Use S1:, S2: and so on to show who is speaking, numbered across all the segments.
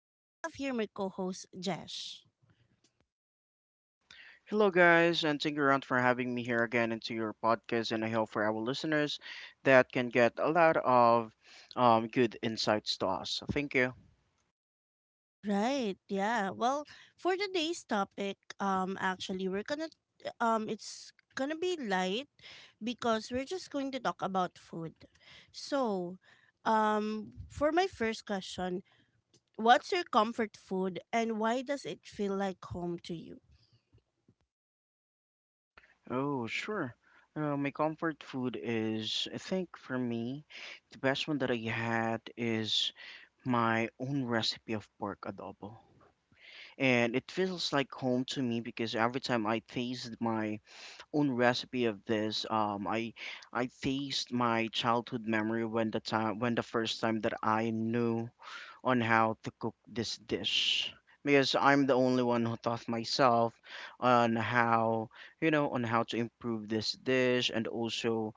S1: I have here my co host, Jesh.
S2: Hello, guys, and thank you around for having me here again into your podcast. And I hope for our listeners that can get a lot of good insights to us. Thank you.
S1: Right. Yeah. Well, for today's topic, actually, it's gonna be light because we're just going to talk about food. So, for my first question, what's your comfort food and why does it feel like home to you?
S2: Oh, sure. My comfort food is, I think for me, the best one that I had is my own recipe of pork adobo. And it feels like home to me because every time I taste my own recipe of this. I faced my childhood memory when the time when the first time that I knew on how to cook this dish because I'm the only one who taught myself on how on how to improve this dish and also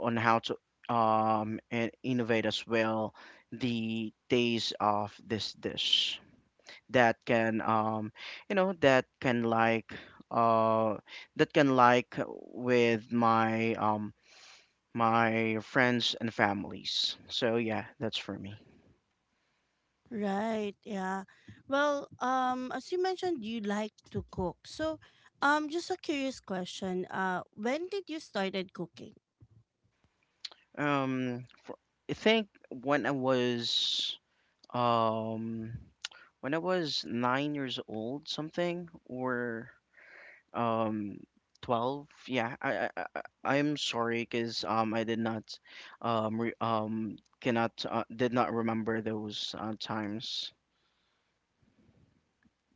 S2: on how to and innovate as well the taste of this dish that can you know that can like uh that can like with my friends and families, so yeah, that's for me.
S1: Right, yeah. Well, as you mentioned, you like to cook. So, just a curious question. When did you started cooking?
S2: um I think when I was um when I was 9 years old something or um 12, yeah I'm sorry because I did not cannot did not remember those times.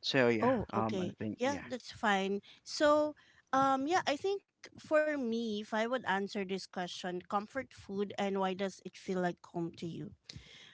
S2: So yeah,
S1: Oh,
S2: I
S1: okay.
S2: think
S1: Yeah,
S2: yeah.
S1: that's fine. So, yeah, I think for me, if I would answer this question, comfort food and why does it feel like home to you?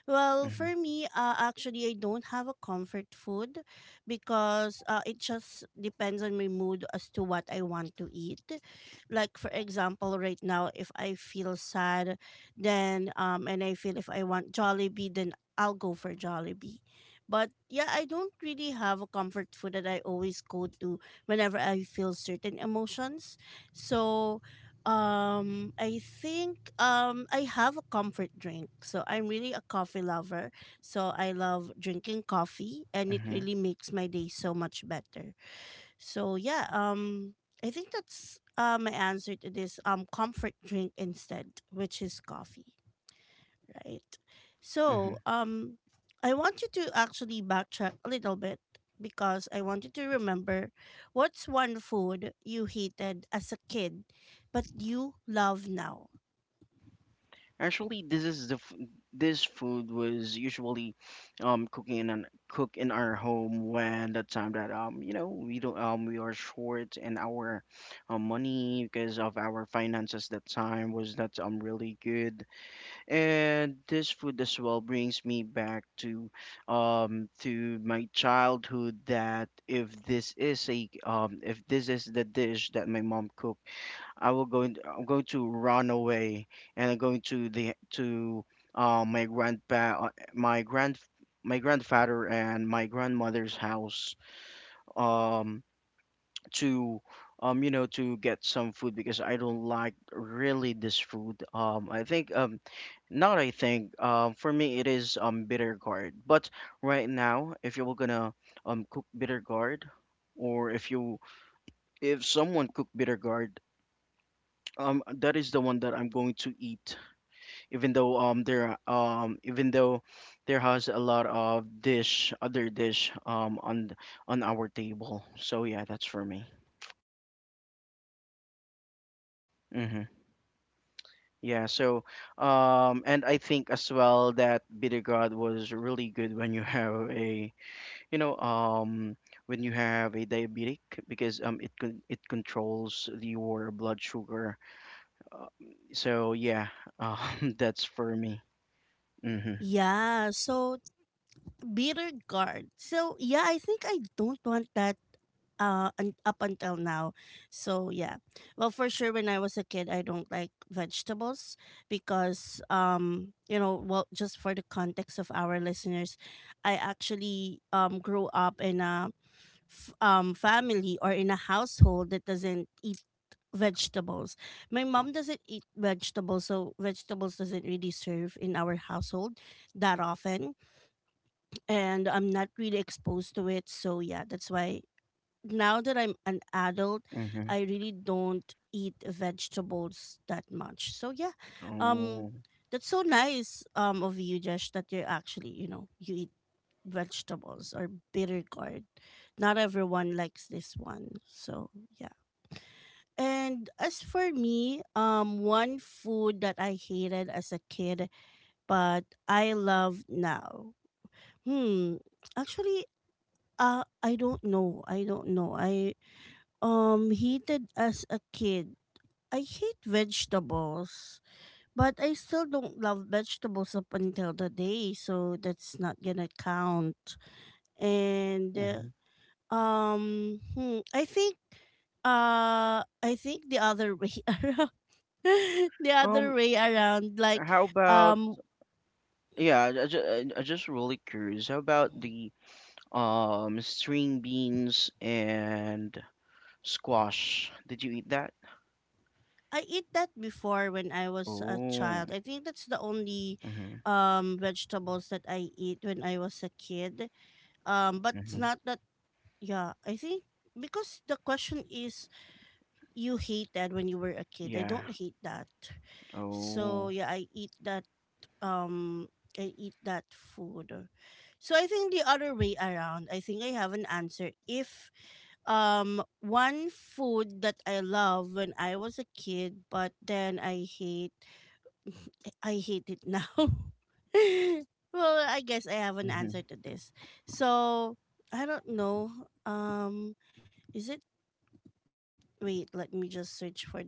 S1: Well,
S2: Mhm.
S1: for me, actually, I don't have a comfort food because it just depends on my mood as to what I want to eat. Like, for example, right now, if I feel sad, then, and I feel if I want Jollibee, then I'll go for Jollibee. But yeah, I don't really have a comfort food that I always go to whenever I feel certain emotions. So, I think I have a comfort drink. So I'm really a coffee lover. So I love drinking coffee and it
S2: Mhm.
S1: really makes my day so much better. So yeah, I think that's my answer to this comfort drink instead, which is coffee, right? So,
S2: Mhm.
S1: I want you to actually backtrack a little bit because I want you to remember what's one food you hated as a kid but you love now.
S2: Actually, this is the f this food was usually cook in our home when the time that we don't we are short in our money because of our finances that time was not really good, and this food as well brings me back to my childhood that if this is a if this is the dish that my mom cooked, I will go in, I'm going to run away and I'm going to the to uh, my grandpa uh, my grand my grandfather and my grandmother's house um to to get some food because I don't like really this food I think not I think for me it is bitter gourd. But right now if you were gonna cook bitter gourd, or if you if someone cook bitter gourd, that is the one that I'm going to eat, even though there even though there has a lot of dish other dish on our table, so yeah, that's for me. Mm-hmm. Yeah, so and I think as well that bitter was really good when you have a you know um when you have a diabetic because it controls your blood sugar, uh, so yeah that's for me. Mm-hmm.
S1: Yeah, so bitter gourd. So yeah, I think I don't want that up until now. So yeah, well, for sure when I was a kid I don't like vegetables because you know, well, just for the context of our listeners, I actually grew up in a family or in a household that doesn't eat vegetables. My mom doesn't eat vegetables, so vegetables doesn't really serve in our household that often, and I'm not really exposed to it. So yeah, that's why now that I'm an adult,
S2: Mm-hmm.
S1: I really don't eat vegetables that much. So yeah, um,
S2: Oh.
S1: that's so nice of you, Jesh, that you're actually, you know, you eat vegetables or bitter gourd. Not everyone likes this one, so yeah. And as for me, one food that I hated as a kid but I love now. Hmm, actually, I don't know. I don't know. I heated as a kid. I hate vegetables, but I still don't love vegetables up until the day, so that's not gonna count. And
S2: Mhm.
S1: hmm, I think the other way around. The other way around, like
S2: How about
S1: um
S2: just really curious. How about the string beans and squash? Did you eat that?
S1: I eat that before when I was a
S2: Oh.
S1: child. I think that's the only
S2: Mm-hmm.
S1: vegetables that I eat when I was a kid. But it's
S2: Mm-hmm.
S1: not that. Yeah, I think because the question is you hated when you were a kid. I
S2: Yeah.
S1: don't hate that. So
S2: Oh.
S1: yeah, I eat that, um I eat that food. So I think the other way around, I think I have an answer. If one food that I love when I was a kid but then I hate I hate it now. Well, I guess I have an
S2: Mm-hmm.
S1: answer to this. So I don't know. Um is it Wait, let me just search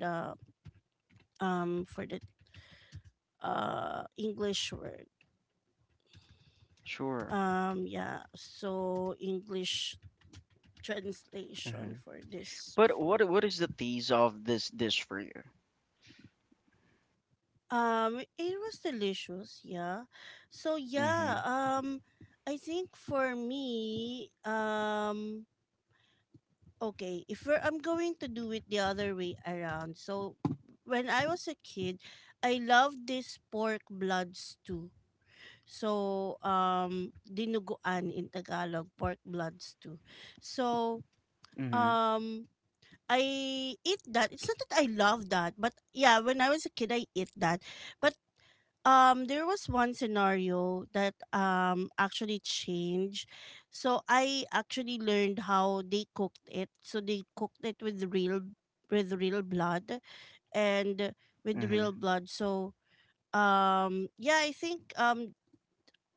S1: for the english word.
S2: Sure.
S1: Yeah, so english translation
S2: Mm-hmm.
S1: for this
S2: But
S1: food.
S2: what is the taste of this dish for you?
S1: It was delicious, yeah. So
S2: Mm-hmm.
S1: yeah, I think for me, okay, if we're, I'm going to do it the other way around. So when I was a kid I loved this pork blood stew. So, dinuguan in Tagalog, pork bloods too. So,
S2: Mm-hmm.
S1: um, I eat that. It's not that I love that, but yeah, when I was a kid, I eat that. But there was one scenario that actually changed. So I actually learned how they cooked it. So they cooked it with real, with real blood and with
S2: Mm-hmm.
S1: real blood. So um yeah i think um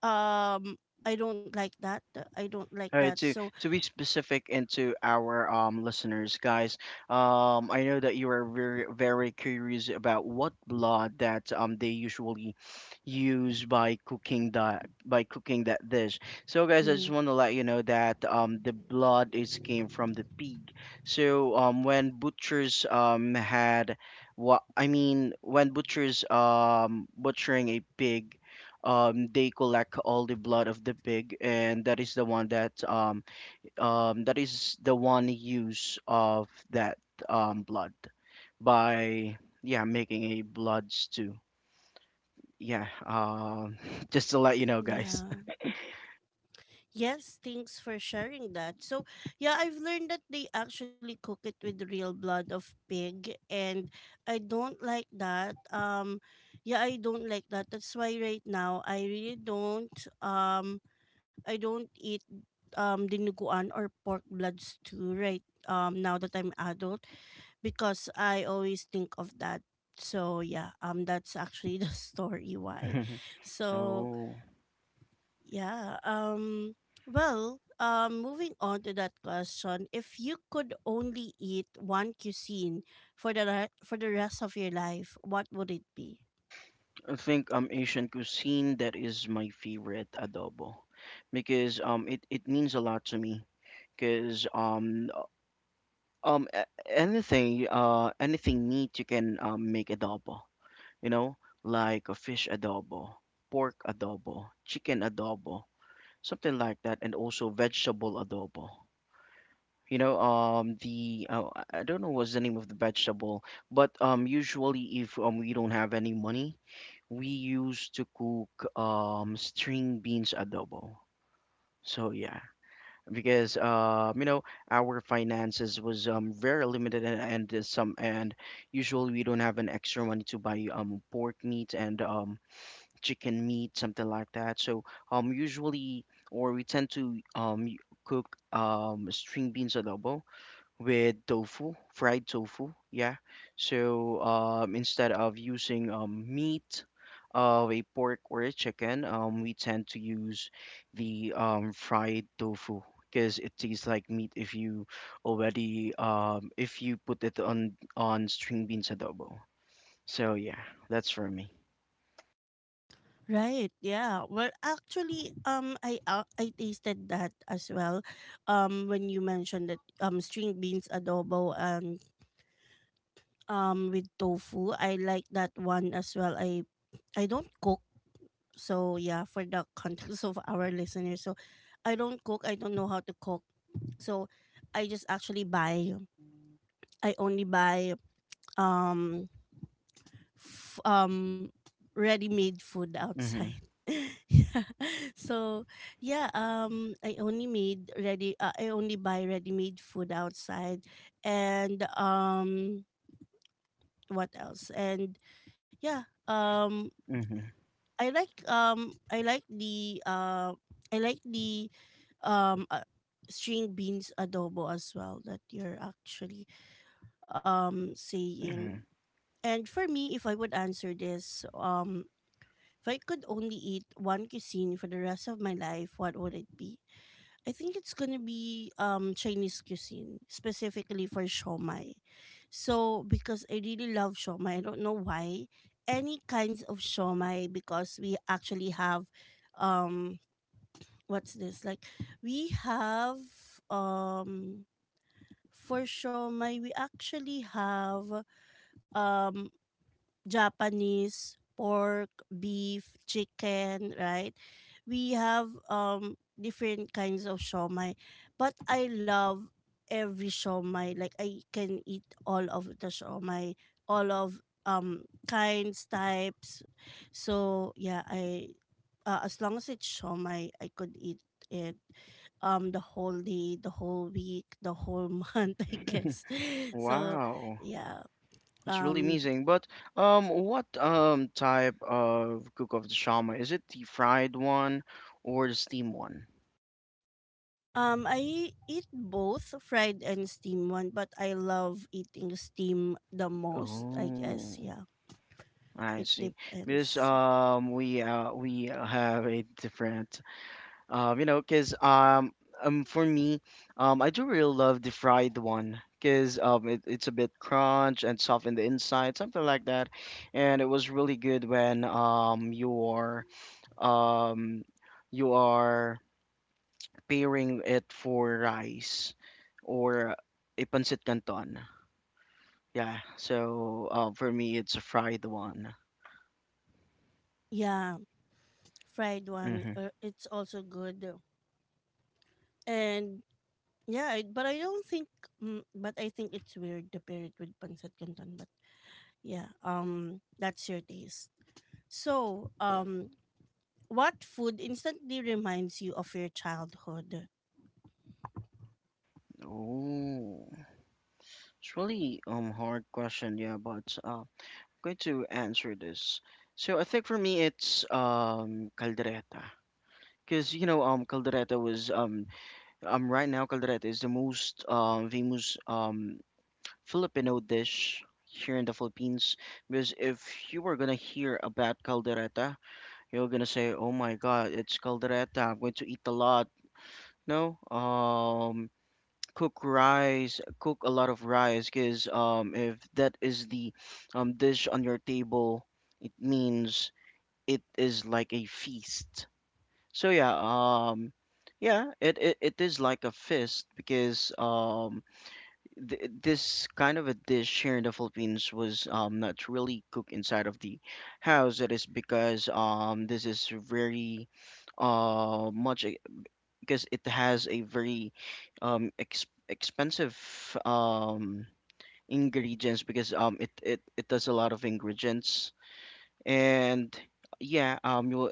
S1: I don't like that. I don't like
S2: All
S1: that.
S2: right, to
S1: So,
S2: to be specific and to our listeners, guys, I know that you are very very curious about what blood that they usually use by cooking that dish. So, guys, I just
S1: mhm,
S2: want to let you know that the blood is came from the pig. So, when butchers had, what I mean when butchers butchering a pig, they collect all the blood of the pig, and that is the one that that is the one use of that blood by, yeah, making a blood stew. Yeah, just to let you know, guys.
S1: yeah. Yes, thanks for sharing that. So, yeah, I've learned that they actually cook it with real blood of pig, and I don't like that. Yeah, I don't like that. That's why right now I really don't um I don't eat dinuguan or pork blood stew right now that I'm adult, because I always think of that. So yeah, that's actually the story why. So
S2: Oh.
S1: yeah. Well, moving on to that question, if you could only eat one cuisine for the rest of your life, what would it be?
S2: I think Asian cuisine, that is my favorite adobo, because it means a lot to me because anything anything meat you can make adobo, you know, like a fish adobo, pork adobo, chicken adobo, something like that, and also vegetable adobo. You know, the I don't know what's the name of the vegetable, but usually if we don't have any money, we used to cook string beans adobo. So yeah, because our finances was very limited and, some and usually we don't have an extra money to buy pork meat and chicken meat, something like that. So usually, or we tend to cook string beans adobo with tofu, fried tofu, yeah. So instead of using meat of a pork or a chicken, we tend to use the fried tofu, because it tastes like meat if you already if you put it on string beans adobo. So yeah, that's for me.
S1: Right. Yeah. Well, actually, I tasted that as well. When you mentioned that string beans adobo and with tofu, I like that one as well. I don't cook, so yeah, for the context of our listeners, so I don't cook. I don't know how to cook, so I just actually buy. I only buy um f- um ready-made food
S2: Mm-hmm.
S1: outside. Yeah. So, yeah, I only buy ready-made food outside and what else? And yeah,
S2: Mm-hmm.
S1: I like I like the um uh, string beans adobo as well that you're actually saying.
S2: Mm-hmm.
S1: And for me, if I would answer this, if I could only eat one cuisine for the rest of my life, what would it be? I think it's gonna be Chinese cuisine, specifically for shomai. So because I really love shomai, I don't know why. Any kinds of shomai because we actually have um what's this? Like we have um for shomai we actually have um Japanese, pork, beef, chicken, right? We have different kinds of shomai, but I love every shomai. Like I can eat all of the shomai, all of kinds, types. So yeah, I as long as it's shomai, I could eat it the whole day, the whole week, the whole month, I guess. So
S2: Wow,
S1: yeah.
S2: it's really
S1: Um
S2: amazing. But what type of cook of the shama? Is it the fried one or the steam one?
S1: I eat both fried and steam one, but I love eating steam the most, I guess.
S2: Oh,
S1: Yeah,
S2: I
S1: it
S2: see. Because
S1: depends.
S2: we have a different you know, cause for me I do really love the fried one. Cause it's a bit crunch and soft in the inside, something like that, and it was really good when um you are pairing it for rice or a pancit canton. Yeah, so for me, it's a fried one.
S1: Yeah, fried one,
S2: Mm-hmm.
S1: it's also good. And yeah, I, but I don't think, mm, but I think it's weird to pair it with pancit canton. But yeah, that's your taste. So, what food instantly reminds you of your childhood?
S2: Oh, it's really hard question. Yeah, but I'm going to answer this. So I think for me, it's caldereta. Because caldereta was right now caldereta is the most famous Filipino dish here in the Philippines. Because if you were gonna hear about caldereta, you're gonna say, "Oh my God, it's caldereta. I'm going to eat a lot." No, cook rice, cook a lot of rice, because if that is the dish on your table, it means it is like a feast. So yeah, yeah, it is like a feast because this kind of a dish here in the Philippines was not really cooked inside of the house. That is because this is very uh much e- because it has a very expensive um ingredients because it does a lot of ingredients, and yeah, you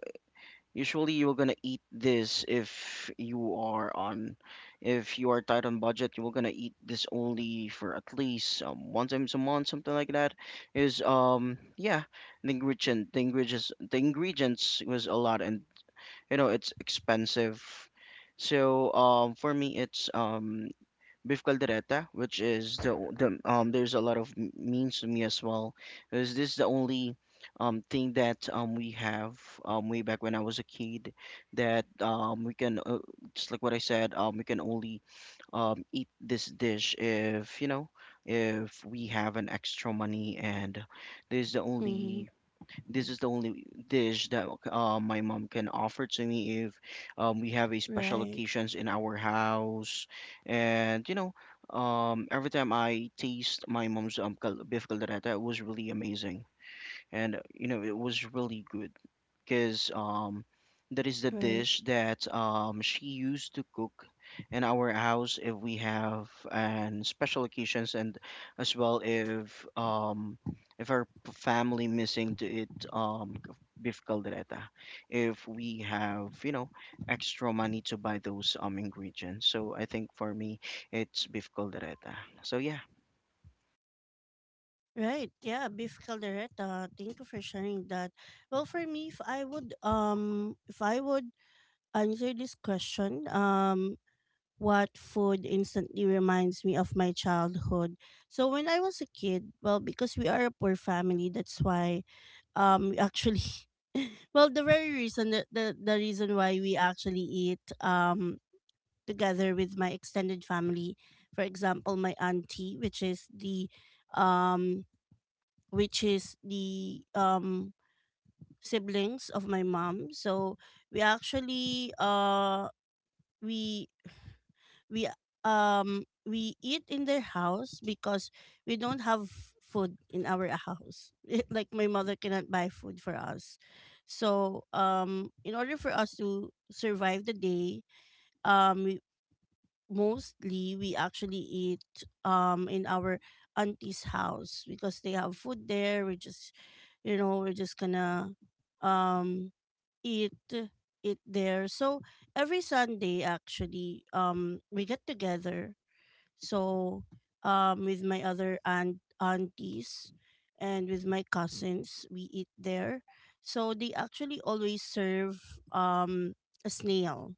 S2: usually you're gonna eat this if you are on if you are tight on budget, you're gonna eat this only for at least one times a month, something like that. Is yeah, the ingredients was a lot, and you know it's expensive. So for me it's beef caldereta, which is there's a lot of means to me as well. Is This is the only thing that we have way back when I was a kid, that we can just like what I said, we can only eat this dish if we have an extra money, and this is the
S1: Mm-hmm.
S2: only this is the only dish that my mom can offer to me if we have a special
S1: Right,
S2: occasions in our house. And you know, every time I taste my mom's beef caldereta, it was really amazing, and you know, it was really good because that is the
S1: right.
S2: dish that she used to cook in our house if we have and special occasions, and as well if our family missing to eat beef caldereta if we have extra money to buy those ingredients, so I think for me it's beef caldereta, so yeah.
S1: Right. Yeah, beef caldereta. Thank you for sharing that. Well, for me, if I would answer this question, what food instantly reminds me of my childhood. So when I was a kid, well, because we are a poor family, that's why we actually well, the very reason that the reason why we actually eat together with my extended family, for example my auntie, which is the um which is the um siblings of my mom. So we actually we we we eat in their house because we don't have food in our house. Like my mother cannot buy food for us. So in order for us to survive the day, um we, mostly we actually eat in our auntie's house because they have food there. We just, you know, we're just gonna um eat it there. So every Sunday actually we get together, so with my other aunties and with my cousins we eat there. So they actually always serve um a snail,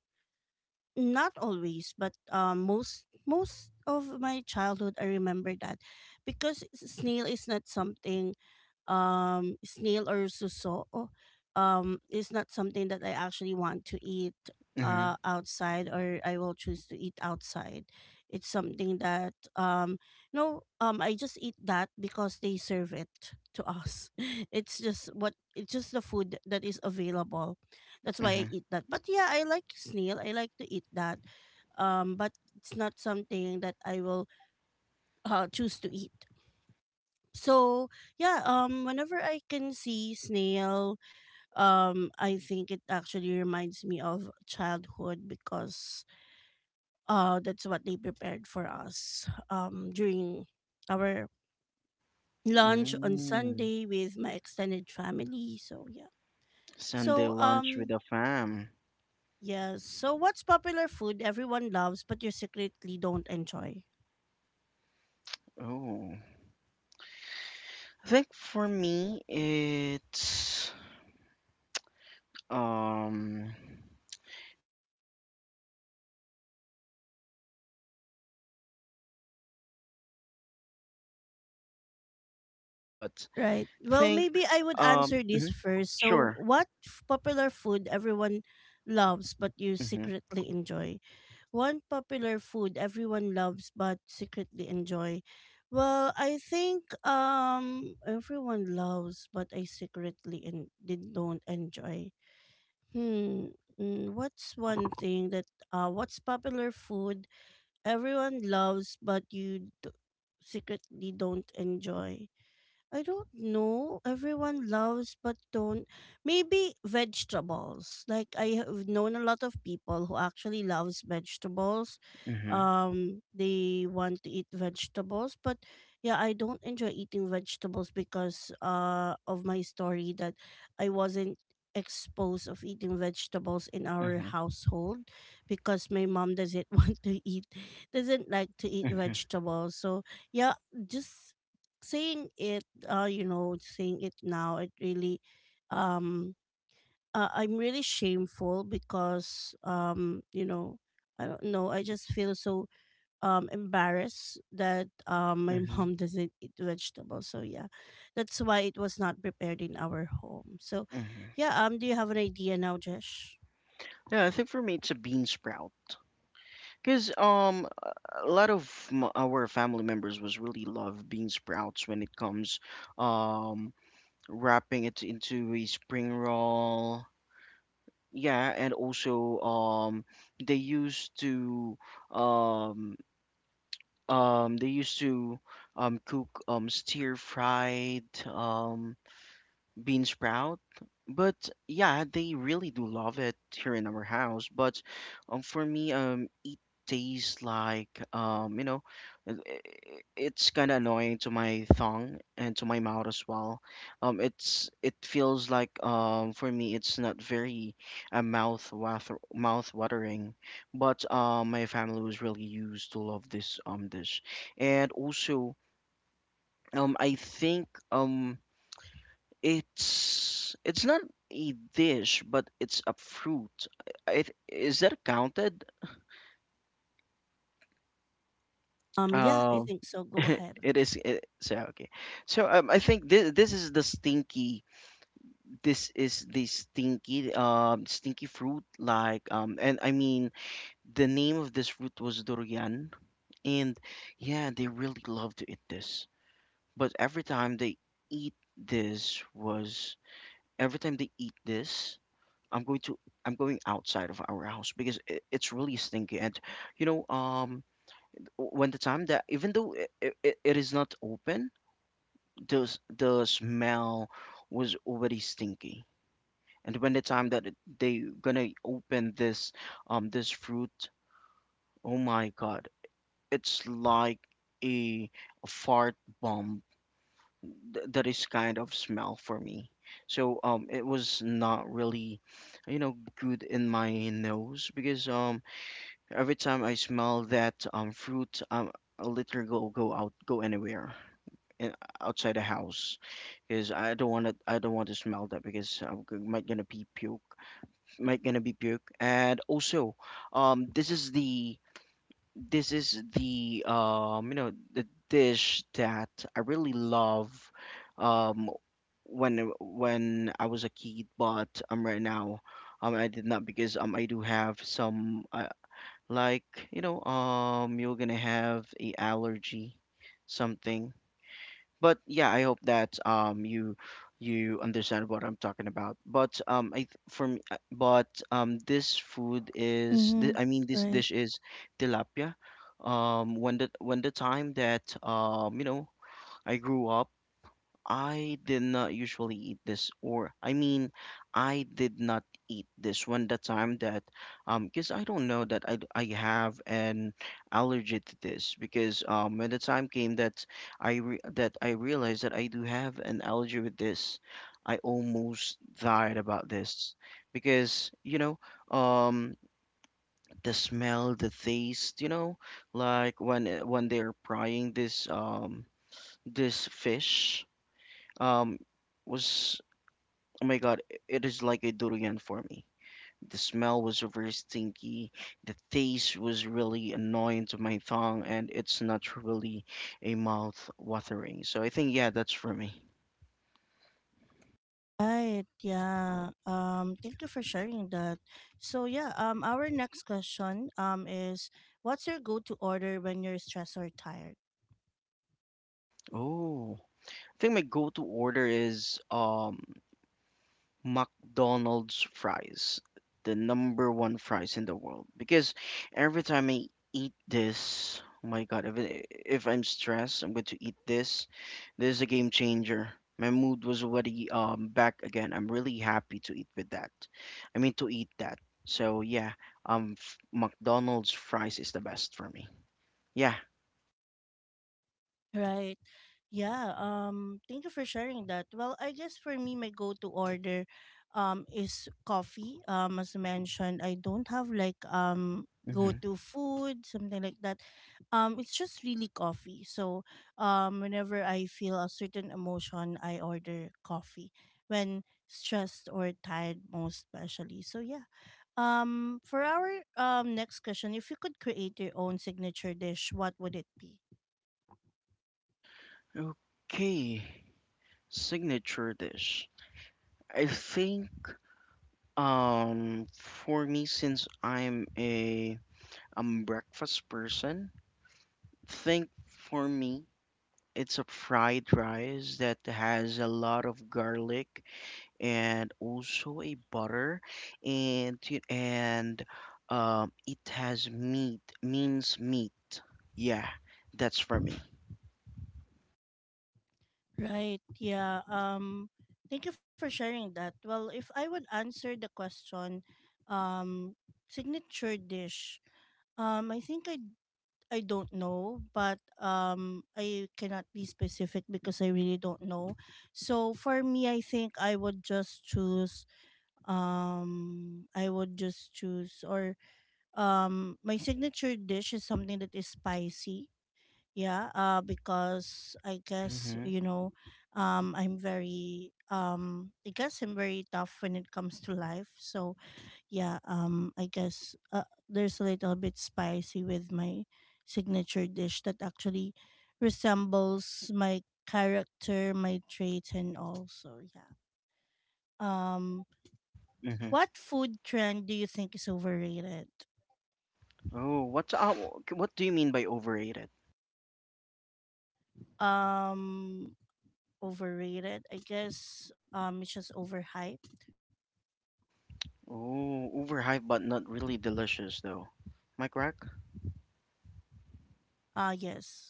S1: not always but most of my childhood I remember that, because snail is not something, snail or suso is not something that I actually want to eat
S2: Mm-hmm.
S1: outside or I will choose to eat outside. It's something that no I just eat that because they serve it to us. It's just the food that is available, that's why I
S2: Mm-hmm.
S1: eat that. But yeah, I like snail. I like to eat that. But it's not something that I will choose to eat. So yeah, whenever I can see snail, I think it actually reminds me of childhood, because that's what they prepared for us during our lunch on
S2: Mm.
S1: Sunday with my extended family. So yeah.
S2: Sunday
S1: So
S2: lunch with the fam.
S1: yes. So what's popular food everyone loves but you secretly don't enjoy?
S2: Oh, I think for me it's um. Okay, let me think with that first because I think I, a lot of food was my literal favorite, but
S1: Right.
S2: think.
S1: Well, maybe I would answer
S2: Mhm.
S1: this first.
S2: Sure.
S1: So popular food everyone loves but you
S2: Mhm.
S1: secretly enjoy? One popular food everyone loves but secretly enjoy. Well, I think everyone loves but I secretly and did don't enjoy. Hmm. Mm, what's one thing that what's popular food everyone loves but you secretly don't enjoy. I don't know. Everyone loves but don't. Maybe vegetables. Like I have known a lot of people who actually loves vegetables.
S2: Mhm.
S1: They want to eat vegetables, but yeah, I don't enjoy eating vegetables because of my story that I wasn't exposed of eating vegetables in our
S2: Mhm.
S1: household because my mom doesn't want to eat, doesn't like to eat
S2: Mhm.
S1: vegetables. So, yeah, just saying it saying it now, it really, um, I'm really shameful because, I don't know, I just feel so embarrassed that my
S2: Mhm.
S1: mom doesn't eat vegetables. So yeah, that's why it was not prepared in our home. So,
S2: Mhm.
S1: yeah. Do you have an idea now, Jesh?
S2: Yeah, I think for me it's a bean sprout. Because a lot of our family members was really love bean sprouts when it comes um wrapping it into a spring roll. Yeah, and also they used to um they used to cook stir fried bean sprout. But yeah, they really do love it here in our house. But for me, it tastes like it's kind of annoying to my tongue and to my mouth as well. It feels like for me, it's not very mouth watering. But my family was really used to love this dish, and also I think. It's not a dish, but it's a fruit. Is that counted?
S1: Yeah, I
S2: Uh,
S1: think so. Go ahead.
S2: it is. It, so okay. So I think this is the stinky. This is the stinky stinky fruit. Like and I mean the name of this fruit was durian, and yeah, they really love to eat this. But every time they eat this was every time they eat this I'm going to I'm going outside of our house because it's really stinky. And you know, um, when the time that even though it is not open, the the smell was already stinky. And when the time that they gonna open this this fruit, oh my God, it's like a, a fart bomb that is kind of smell for me. So it was not really good in my nose because every time I smell that fruit, I literally go out, go anywhere, in, outside the house, because I don't want to. I don't want to smell that because I'm might gonna be puke, might gonna be puke. And also, um, this is the this is the the dish that I really love, um, when I was a kid, but right now. I did not because I do have some. I, like you're gonna have a allergy something but yeah, I hope that you you understand what I'm talking about, but for me but this food is
S1: Mm-hmm.
S2: I mean this dish is tilapia. When the time that I grew up, I did not usually eat this, or I mean, I did not eat this when the time that, because I don't know that I have an allergy to this because when the time came that I re that I realized that I do have an allergy with this, I almost died about this because um the smell, the taste, like when they're frying this this fish. Um, was, oh my God, it is like a durian for me. The smell was very stinky. The taste was really annoying to my tongue, and it's not really a mouth watering. So I think yeah, that's for me.
S1: Right, yeah. Thank you for sharing that. So yeah, our next question is, what's your go-to order when you're stressed or tired?
S2: Oh, I think my go-to order is McDonald's fries, the number one fries in the world. Because every time I eat this, oh my god, if, if I'm stressed, I'm going to eat this. This is a game changer. My mood was already back again. I'm really happy to eat with that. I mean to eat that. So yeah, McDonald's fries is the best for me. Yeah.
S1: Right. Yeah. Thank you for sharing that. Well, I guess for me, my go-to order, is coffee. As mentioned, I don't have like
S2: Hmm.
S1: go-to food, something like that. It's just really coffee. So, whenever I feel a certain emotion, I order coffee. When stressed or tired, most especially. So yeah. For our next question, if you could create your own signature dish, what would it be?
S2: Okay, signature dish. I think. For me, since I'm breakfast person, think for me it's a fried rice that has a lot of garlic and also a butter and and it has meat means meat. Yeah, that's for me.
S1: Right. Yeah. Thank you for sharing that. Well, if I would answer the question, um signature dish, I think I don't know, but I cannot be specific because I really don't know. So for me, I think I would just choose. I would just choose, or my signature dish is something that is spicy. Yeah. Because I guess
S2: Mm-hmm.
S1: you know, I'm very I guess I'm very tough when it comes to life. So yeah, I guess there's a little bit spicy with my signature dish that actually resembles my character, my traits, and also yeah. Um,
S2: Mm-hmm.
S1: what food trend do you think is overrated?
S2: Oh, what do you mean by overrated?
S1: Um, overrated. I guess it's just overhyped.
S2: Oh, overhyped but not really delicious though. Am I correct?
S1: Ah, yes.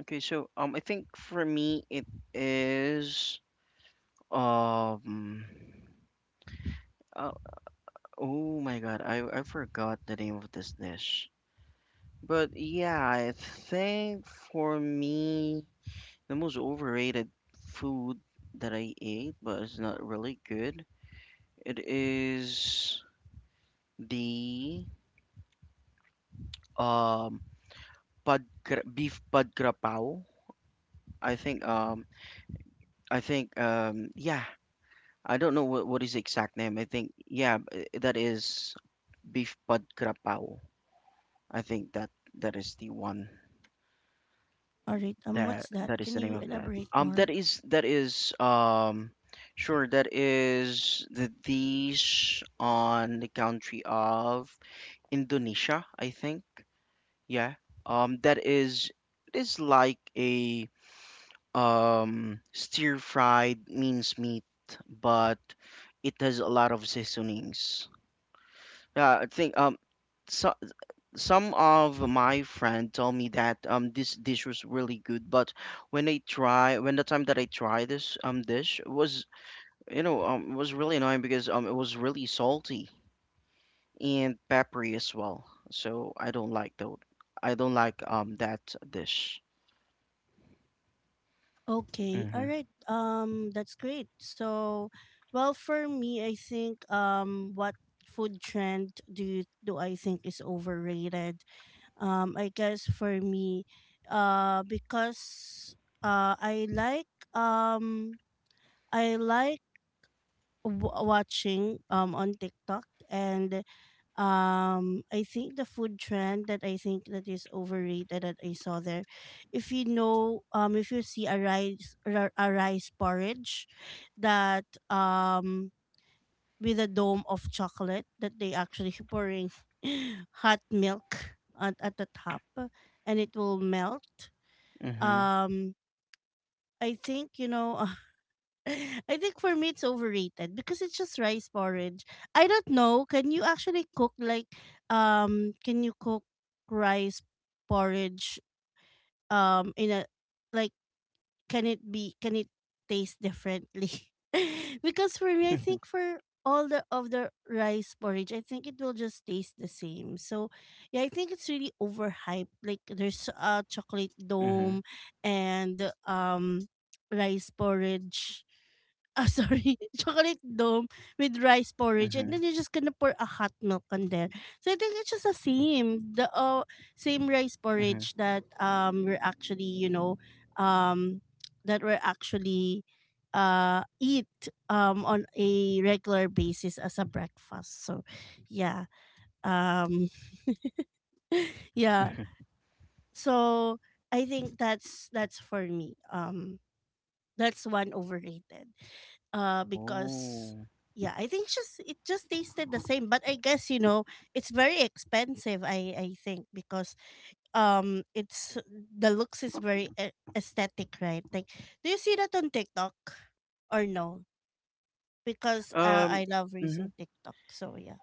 S2: Okay, so I think for me it is um, uh, oh my God, I forgot the name of this dish. But yeah, I think for me the most overrated food that I ate, but it's not really good. It is the um pad, beef pad krapao. I think um I think yeah, I don't know what is the exact name. I think yeah, that is beef pad krapow. I think that is the one
S1: All right. What's that?
S2: that is
S1: Can
S2: the name
S1: you
S2: of that.
S1: elaborate more?
S2: That is sure that is the dish on the country of Indonesia. I think yeah. That is it is like a stir fried minced meat, but it has a lot of seasonings. Yeah, I think so, some of my friend told me that this dish was really good, but when I try when the time that I tried this dish was was really annoying because it was really salty and peppery as well. So I don't like though I don't like that dish.
S1: Okay, all
S2: Mhm.
S1: right. That's great. So, well, for me, I think what food trend do I think is overrated? I guess for me, because uh, I like um, I like watching on TikTok and I think the food trend that I think that is overrated that I saw there if you know if you see a a rice porridge that with a dome of chocolate that they actually pouring hot milk at the top and it will melt
S2: Mhm.
S1: um I think you know I think for me it's overrated because it's just rice porridge. I don't know. Can you actually cook like can you cook rice porridge in a like can it taste differently? Because for me I
S2: Mhm.
S1: think for all the of the rice porridge I think it will just taste the same. So yeah, I think it's really overhyped. Like there's a chocolate
S2: Mhm.
S1: dome and rice porridge. Ah, sorry, chocolate dome with rice porridge, and then you're just gonna pour a hot milk on there. So I think it's just the same rice
S2: Mhm.
S1: porridge that we're actually you know um that we're actually eat on a regular basis as a breakfast. So yeah, um yeah. So I think that's for me. That's one overrated. Because
S2: Oh.
S1: yeah, I think it's just it just tasted the same, but I guess you know it's very expensive. I think because it's the looks is very aesthetic, right? Like do you see that on TikTok or no? Because
S2: Um.
S1: I love using
S2: Mhm.
S1: TikTok, so yeah.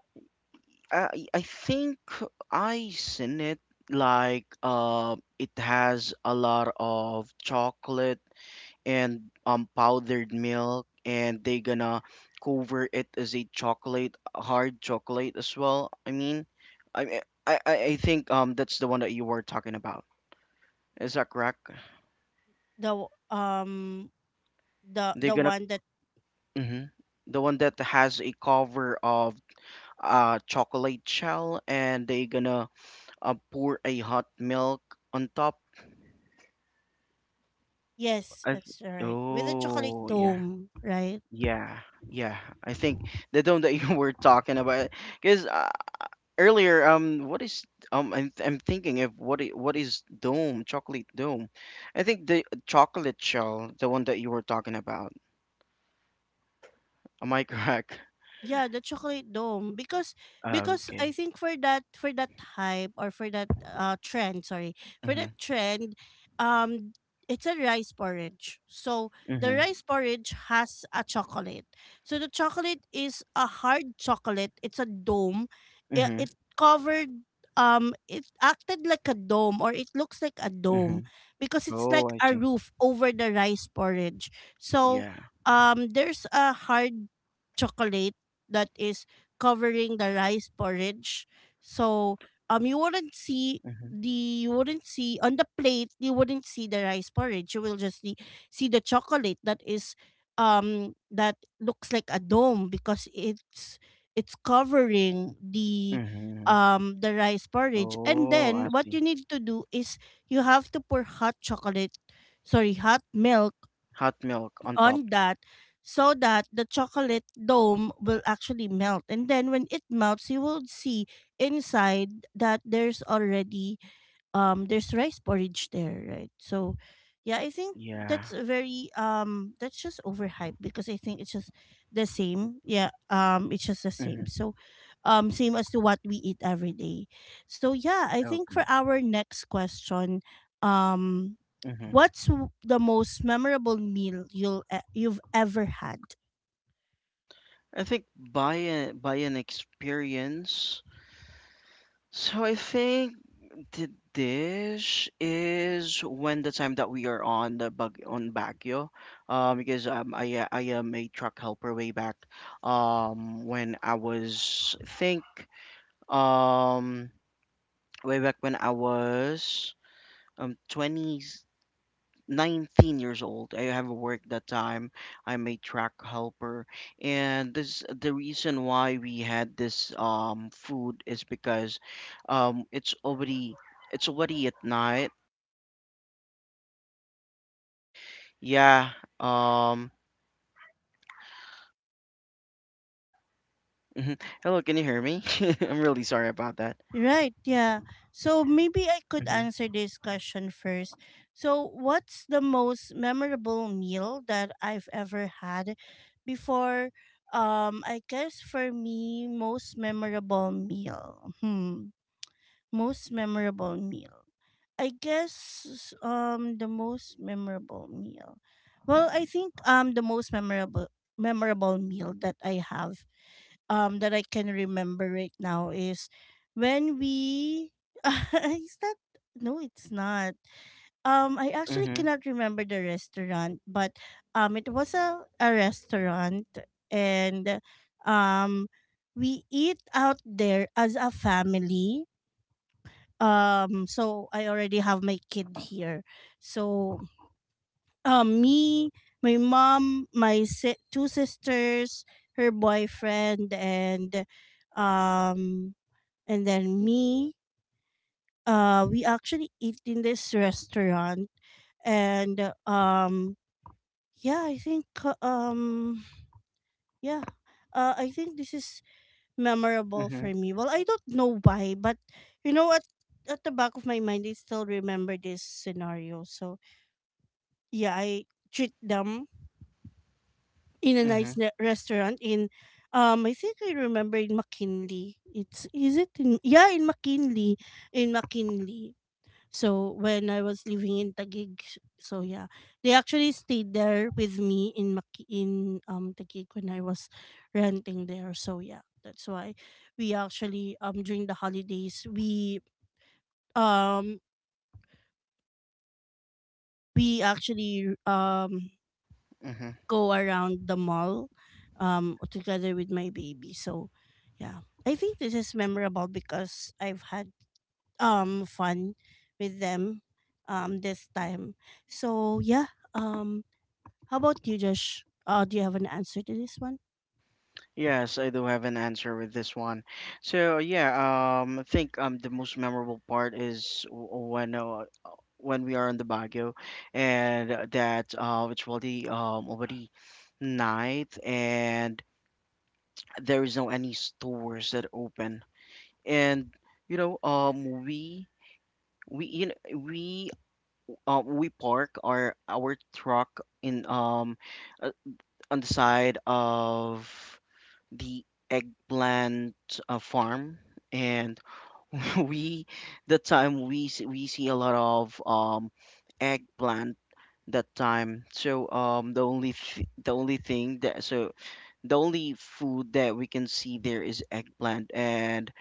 S2: I think I seen it like it has a lot of chocolate and powdered milk, and they gonna cover it as a chocolate hard chocolate as well. I mean, I think that's the one that you were talking about. Is that correct?
S1: the w- um the
S2: They're
S1: the
S2: gonna,
S1: one that
S2: hmm, the one that has a cover of chocolate shell, and they gonna pour a hot milk on top.
S1: yes,
S2: I th-
S1: that's right, with the chocolate
S2: oh, yeah,
S1: dome, right?
S2: yeah, yeah, I think the dome that you were talking about because earlier what is I'm thinking of what is dome chocolate dome. I think the chocolate shell the one that you were talking about, am I correct?
S1: Yeah, the chocolate dome. because
S2: Oh,
S1: because I
S2: okay.
S1: think for that hype or for that trend, sorry, for
S2: Mm-hmm.
S1: that trend, um it's a rice porridge. So the
S2: Mm-hmm.
S1: rice porridge has a chocolate. So the chocolate is a hard chocolate. It's a dome. It,
S2: Mm-hmm.
S1: it covered, it acted like a dome or it looks like a
S2: Mm-hmm.
S1: dome because it's
S2: Oh,
S1: like
S2: I
S1: a
S2: see.
S1: roof over the rice porridge. So
S2: Yeah.
S1: there's a hard chocolate that is covering the rice porridge. So you wouldn't see
S2: Mm-hmm.
S1: the you wouldn't see on the plate, you wouldn't see the rice porridge. You will just see the chocolate that is that looks like a dome because it's covering
S2: Mm-hmm.
S1: the rice porridge. And
S2: Oh, I
S1: then what you
S2: see.
S1: need to do is you have to pour hot chocolate, sorry, hot milk
S2: Hot milk on top.
S1: on that, so that the chocolate dome will actually melt. And then when it melts, you will see inside that there's already there's rice porridge there, right? So yeah, I think
S2: Yeah.
S1: that's a very that's just overhyped because I think it's just the same. Yeah, it's just the same,
S2: Mm-hmm.
S1: so same as to what we eat every day. So yeah, I think for
S2: Okay.
S1: our next question um
S2: Mhm.
S1: what's the most memorable meal you've ever had?
S2: I think by an experience. So I think the dish is when the time that we are on the Baguio, because I am a truck helper way back, when I was I think um way back when I was 20. 19 years old. I have worked that time. I'm a track helper, and this the reason why we had this food is because um it's already it's already at night. Yeah. Um. Mhm. Hello, can you hear me? I'm really sorry about that.
S1: Right, yeah. So maybe I could
S2: Mm-hmm.
S1: answer this question first. So, what's the most memorable meal that I've ever had before? I guess for me, most memorable meal. Hmm. Most memorable meal. I guess the most memorable meal. Well, I think the most memorable meal that I have that I can remember right now is when we is that no it's not I actually
S2: Mm-hmm.
S1: cannot remember the restaurant but it was a restaurant and um we eat out there as a family so I already have my kid here so me, my mom, my two sisters, her boyfriend um and then me. We actually eat in this restaurant and yeah, I think uh, um yeah. I think this is memorable
S2: Mm-hmm.
S1: for me. Well, I don't know why, but you know what, at the back of my mind I still remember this scenario. So, yeah, I treat them in a
S2: Mm-hmm.
S1: restaurant in I think I remember in McKinley. It's is it in yeah, in McKinley, in McKinley. So when I was living in Taguig, so yeah, they actually stayed there with me in Maki in Taguig when I was renting there. So yeah, that's why we actually during the holidays um we actually go around the mall together with my baby. So yeah. I think this is memorable because I've had fun with them this time. So yeah. How about you, Josh? Do you have an answer to this one?
S2: Yes, I do have an answer with this one. So yeah, I think the most memorable part is when we are in the Baguio, and that it's already already night, and there is no any stores that open, and you know um we we you know, we park our truck in uh, on the side of the eggplant farm, and we the time we see a lot of eggplant that time. So the only the only thing that so the only food that we can see there is eggplant. And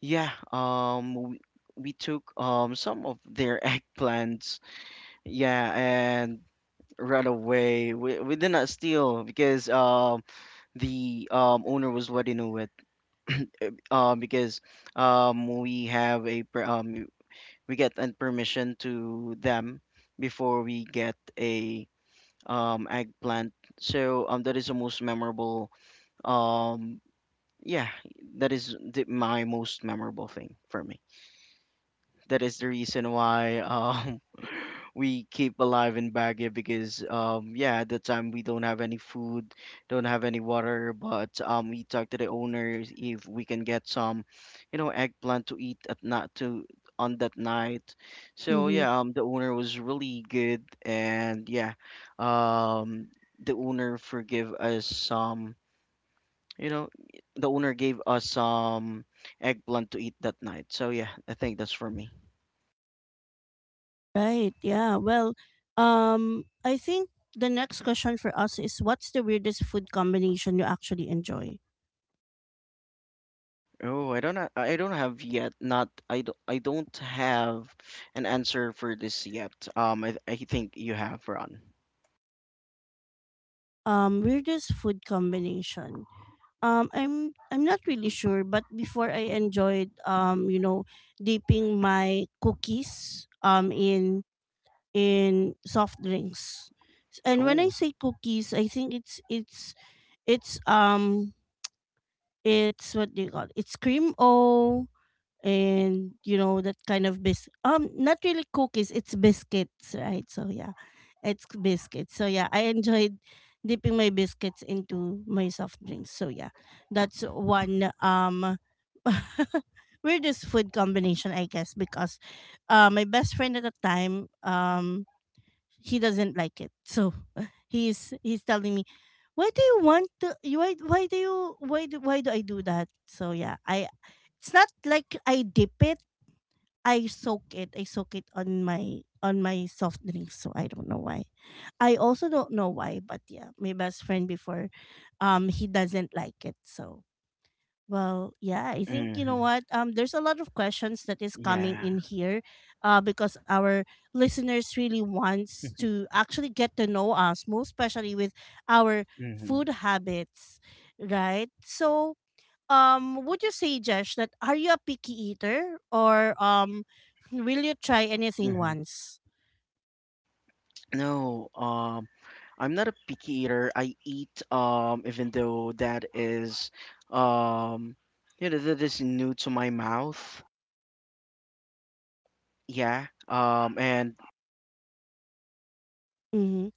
S2: yeah, we took some of their eggplants. Yeah, and ran away. We did not steal because the owner was already knew it, because we have a we get a permission to them before we get a eggplant. So that is the most memorable. Um, yeah, that is the, my most memorable thing for me. That is the reason why we keep alive in Baguio because yeah, at the time we don't have any food, don't have any water, but we talked to the owners if we can get some, you know, eggplant to eat at not to on that night. So
S1: Mhm.
S2: yeah, the owner was really good, and yeah, um the owner forgive us some, you know, the owner gave us some eggplant to eat that night. So yeah, I think that's for me.
S1: Right. Yeah. Well, I think the next question for us is what's the weirdest food combination you actually enjoy?
S2: Oh, I don't have yet not I don't have an answer for this yet. I think you have Ron.
S1: Weirdest food combination. I'm not really sure, but before I enjoyed you know, dipping my cookies in soft drinks. And when I
S2: Oh,
S1: say cookies, I think it's um it's what do you call it? It's cream o and you know that kind of bis not really cookies, it's biscuits, right? So yeah. It's biscuits. So yeah, I enjoyed dipping my biscuits into my soft drinks. So yeah. That's one weirdest food combination I guess because my best friend at the time he doesn't like it. So he's telling me, why do you want to? Why do I do that? So yeah, I it's not like I dip it. I soak it. I soak it on my soft drinks. So I don't know why. I also don't know why, but yeah, my best friend before, he doesn't like it. So well, yeah, I think you know
S2: hmm,
S1: what. There's a lot of questions that is coming
S2: yeah.
S1: in here, because our listeners really wants to actually get to know us, most especially with our
S2: Hmm.
S1: food habits, right? So, would you say, Jesh, that are you a picky eater, or will you try anything
S2: Hmm.
S1: once?
S2: No, I'm not a picky eater. I eat, even though that is, um, you know, that is new to my mouth. Yeah. And
S1: Mm-hmm.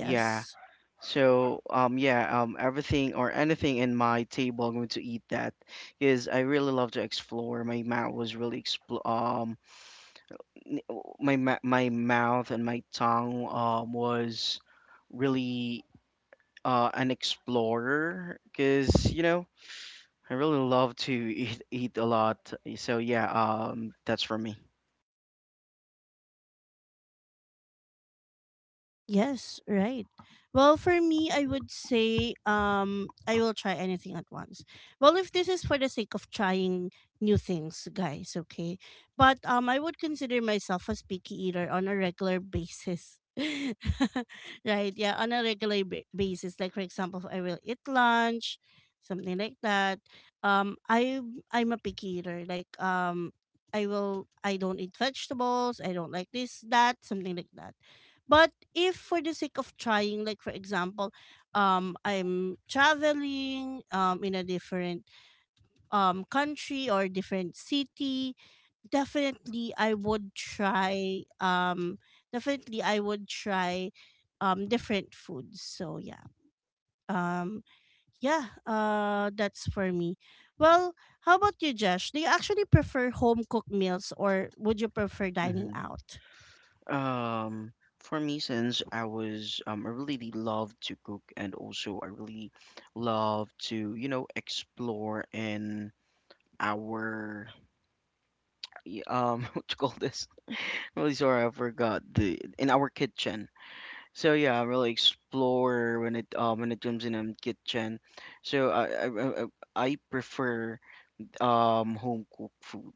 S2: yeah. So yeah, everything or anything in my table I'm going to eat that because I really love to explore. My mouth was really expl my mouth and my tongue was really an explorer because you know I really love to eat a lot. So yeah, that's for me.
S1: Yes, right. Well, for me, I would say I will try anything at once. Well, if this is for the sake of trying new things, guys, okay. But I would consider myself a picky eater on a regular basis. Right? Yeah, on a regular basis. Like for example, if I will eat lunch, something like that. Um I I'm a picky eater. Like I will I don't eat vegetables, I don't like this, that, something like that, but if for the sake of trying, like for example, I'm traveling in a different country or different city, definitely I would try. Definitely I would try different foods. So um yeah, that's for me. Well, how about you, Josh? Do you actually prefer home cooked meals or would you prefer dining out?
S2: Um, for me, since I was, I really love to cook, and also I really love to, you know, explore in our, what you call this? Really sorry, I forgot the, in our kitchen. So yeah, I really explore when when it comes in kitchen. So I I prefer, home cooked food.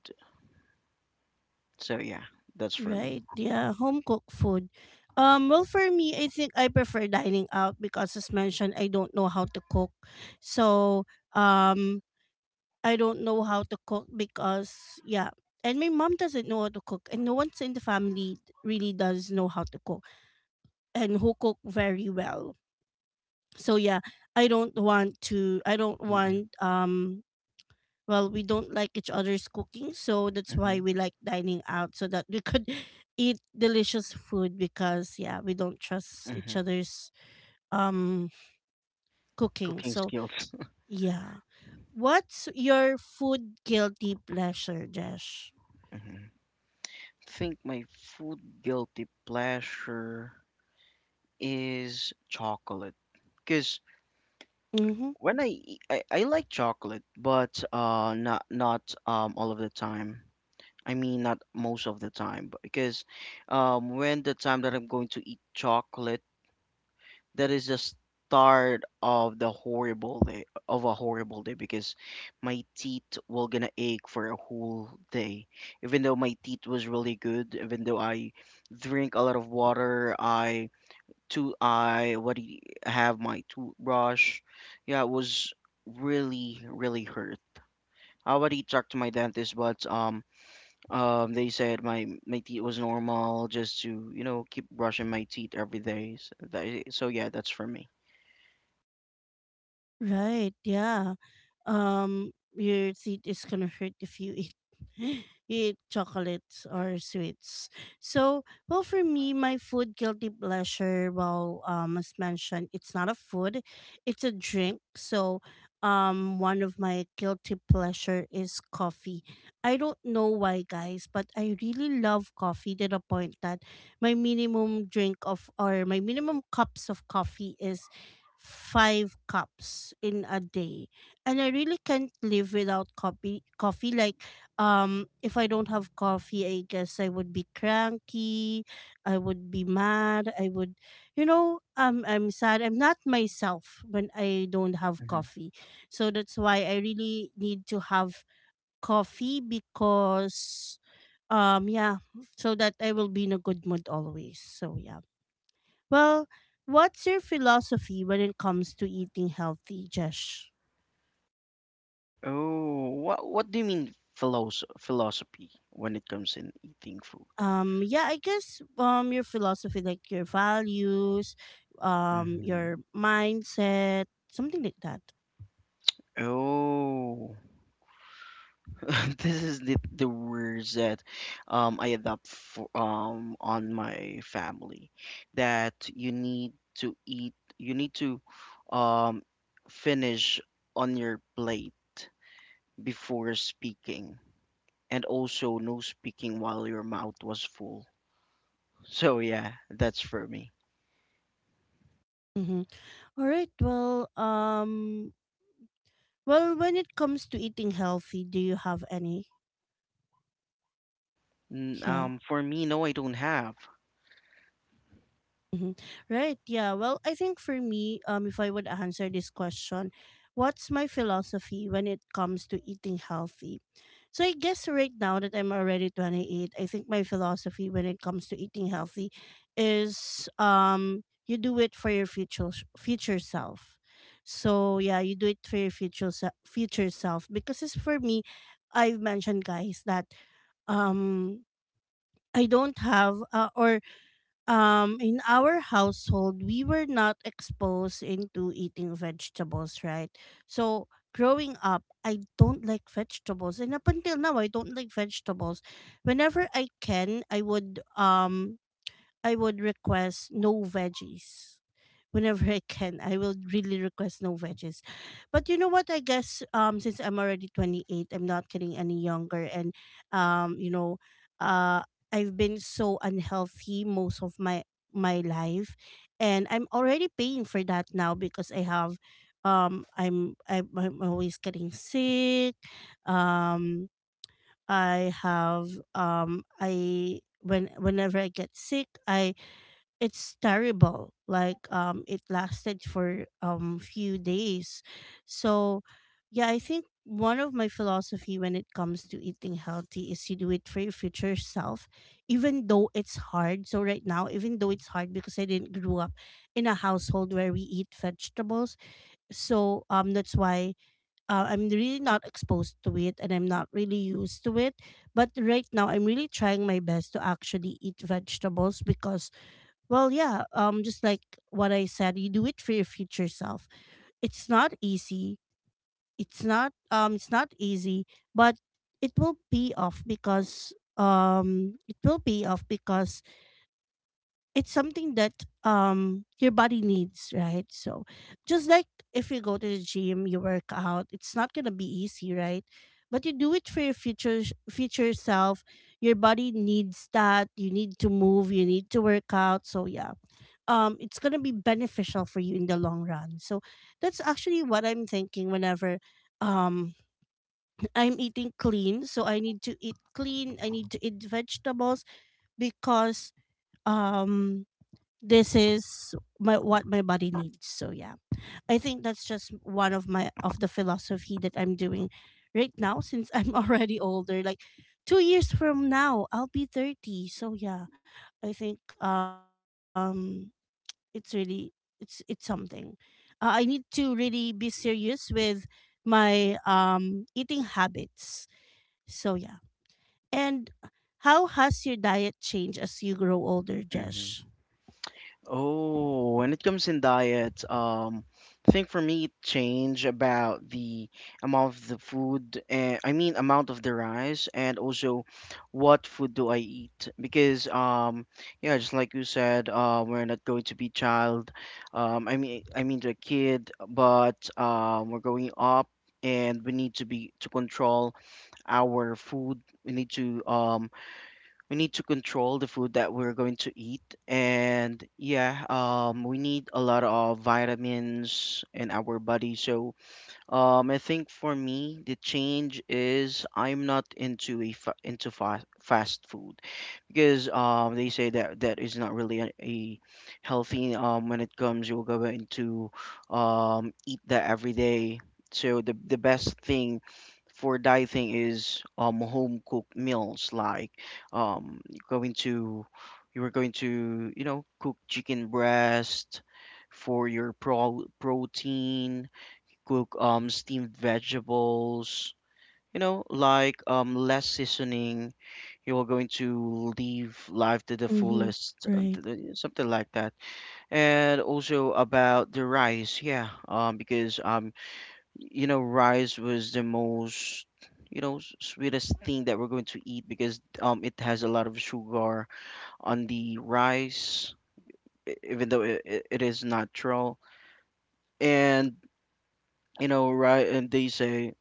S2: So yeah, that's for me.
S1: Right. Yeah, home cooked food. Well, for me, I think I prefer dining out because, as mentioned, I don't know how to cook. So, um I don't know how to cook because, yeah, and my mom doesn't know how to cook and no one's in the family really does know how to cook and who cook very well. So yeah, I don't
S2: Mm-hmm.
S1: want well, we don't like each other's cooking, so that's
S2: Mm-hmm.
S1: why we like dining out so that we could eat delicious food because, yeah, we don't trust each
S2: Hmm.
S1: other's um cooking.
S2: Cooking
S1: So
S2: skills.
S1: yeah what's your food guilty pleasure, Josh?
S2: hmm Think my food guilty pleasure is chocolate because when I, eat- I like chocolate but not all of the time. I mean not most of the time but because when the time that I'm going to eat chocolate, that is the start of the horrible day of a horrible day because my teeth were gonna ache for a whole day, even though my teeth was really good, even though I drink a lot of water, i have my toothbrush. Yeah, it was really hurt. I already talked to my dentist but they said my teeth was normal, just to keep brushing my teeth every day, so yeah, that's for me.
S1: Right, yeah. Your teeth is gonna hurt if you eat eat chocolates or sweets. So, well, for me, my food guilty pleasure, well, as mentioned, it's not a food, it's a drink. So, one of my guilty pleasure is coffee. I don't know why, guys, but I really love coffee to the point that my minimum drink of or my minimum cups of coffee is five cups in a day. And I really can't live without coffee, like, if I don't have coffee, I guess I would be cranky, I would be mad, I would, you know, I'm sad, I'm not myself when I don't have coffee. So that's why I really need to have coffee because, yeah, so that I will be in a good mood always. So yeah, well, what's your philosophy when it comes to eating healthy, Jesh?
S2: Oh, what do you mean philosophy when it comes in eating food?
S1: Yeah, I guess your philosophy, like your values,
S2: hmm
S1: your mindset, something like that.
S2: Oh, this is the words that I adopt for on my family, that you need to eat, you need to um finish on your plate before speaking, and also no speaking while your mouth was full. So yeah, that's for me.
S1: Mm-hmm. All right. Well, well, when it comes to eating healthy, do you have any? Yeah.
S2: For me, no, I don't have.
S1: Hmm. Right. Yeah. Well, I think for me, if I would answer this question, what's my philosophy when it comes to eating healthy? So I guess right now that I'm already 28, I think my philosophy when it comes to eating healthy is, you do it for your future self. So yeah, you do it for your future self because it's for me. I've mentioned, guys, that um I don't have or in our household we were not exposed into eating vegetables, right? So growing up, I don't like vegetables, and up until now I don't like vegetables. Whenever I can, I would I would request no veggies. Whenever I can, I will really request no veggies. But you know what? I guess since I'm already 28, I'm not getting any younger and, you know, uh I've been so unhealthy most of my my life, and I'm already paying for that now because I have I'm always getting sick. Um, I have I when whenever I get sick, I, it's terrible, like, it lasted for few days. So yeah, I think one of my philosophy when it comes to eating healthy is you do it for your future self, even though it's hard. So right now, even though it's hard because I didn't grow up in a household where we eat vegetables, so that's why, I'm really not exposed to it and I'm not really used to it. But right now I'm really trying my best to actually eat vegetables because, well, yeah, just like what I said, you do it for your future self. It's not easy. It's not easy, but it will pay off because, it will pay off because it's something that your body needs, right? So just like if you go to the gym, you work out, it's not gonna be easy, right? But you do it for your future self. Your body needs that. You need to move. You need to work out. So yeah, it's gonna be beneficial for you in the long run. So that's actually what I'm thinking whenever um I'm eating clean. So I need to eat clean. I need to eat vegetables because, um this is my what my body needs. So yeah, I think that's just one of my of the philosophy that I'm doing right now since I'm already older. Like, 2 years from now I'll be 30. So yeah, I think it's really, it's something I need to really be serious with, my eating habits. So yeah. And how has your diet changed as you grow older, Jesh?
S2: Hmm. Oh, when it comes in diet, I think for me it change about the amount of the food, and I mean amount of the rice, and also what food do I eat? Because yeah, just like you said, we're not going to be child, I mean to a kid, but we're going up, and we need to control our food. We need to control the food that we're going to eat, and yeah, we need a lot of vitamins in our body. So I think for me, the change is I'm not into fast food because they say that that is not really a healthy when it comes you'll go into eat that every day. So the best thing for dieting is home cooked meals, like um going to you were going to you know cook chicken breast for your protein, cook steamed vegetables, you know, like less seasoning. You're going to live life to the
S1: Mm-hmm.
S2: fullest,
S1: Right.
S2: something like that. And also about the rice, yeah, because you know, rice was the most, you know, sweetest thing that we're going to eat because it has a lot of sugar on the rice, even though it is natural. And you know, right, and they say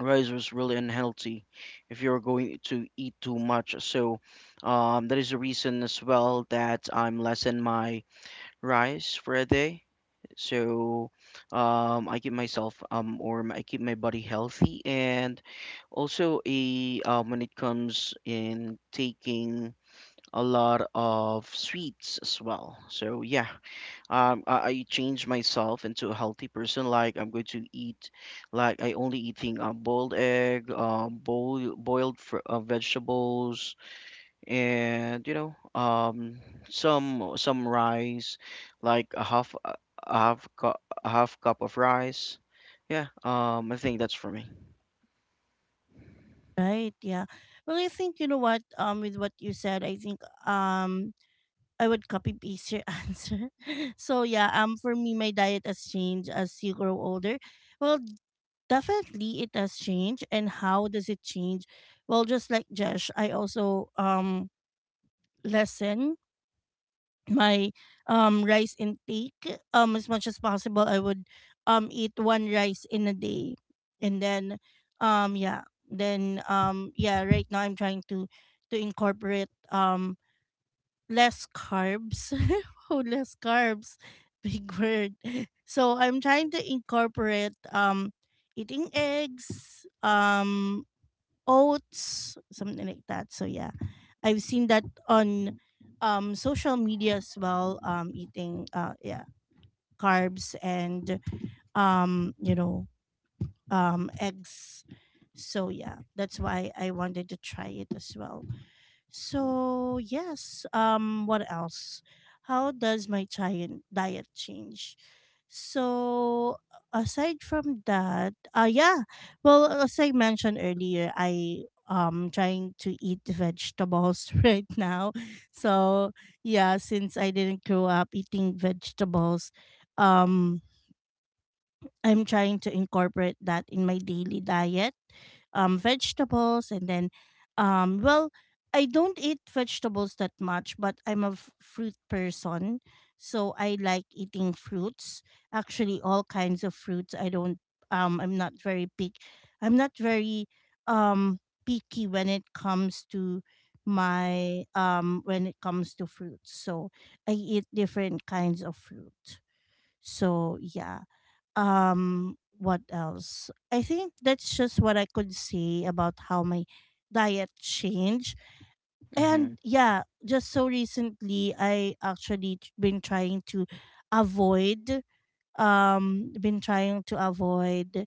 S2: rice was really unhealthy if you're going to eat too much. So that is the reason as well that I'm lessen my rice for a day. So I keep myself I keep my body healthy, and also a when it comes in taking a lot of sweets as well. So yeah, I change myself into a healthy person, like I'm going to eat, like I only eating a boiled egg, um boiled vegetables, and you know some rice, like a half cup of rice. Yeah, I think that's for me.
S1: Right. Yeah. Well, I think, you know what, with what you said, I think, um, I would copy paste your answer. So yeah. For me, my diet has changed as you grow older. Well, definitely it has changed. And how does it change? Well, just like Jesh, I also lessen my rice intake. Um, as much as possible, I would eat one rice in a day, and then, um yeah yeah, right now I'm trying to incorporate less carbs. Oh, less carbs, big word. So I'm trying to incorporate eating eggs, oats, something like that. So yeah, I've seen that on social media as well. Eating yeah, carbs and, you know, eggs. So yeah, that's why I wanted to try it as well. So yes, what else? How does my giant diet change? So aside from that, yeah. Well, as I mentioned earlier, I trying to eat vegetables right now. So yeah, since I didn't grow up eating vegetables, um I'm trying to incorporate that in my daily diet. Vegetables and then, well, I don't eat vegetables that much, but I'm a fruit person, so I like eating fruits. Actually, all kinds of fruits. I don't. I'm not very pick. I'm not very um picky when it comes to my when it comes to fruits. So I eat different kinds of fruit. So yeah, what else? I think that's just what I could say about how my diet changed.
S2: Mm-hmm.
S1: And yeah, just so recently, I actually been trying to avoid, been trying to avoid,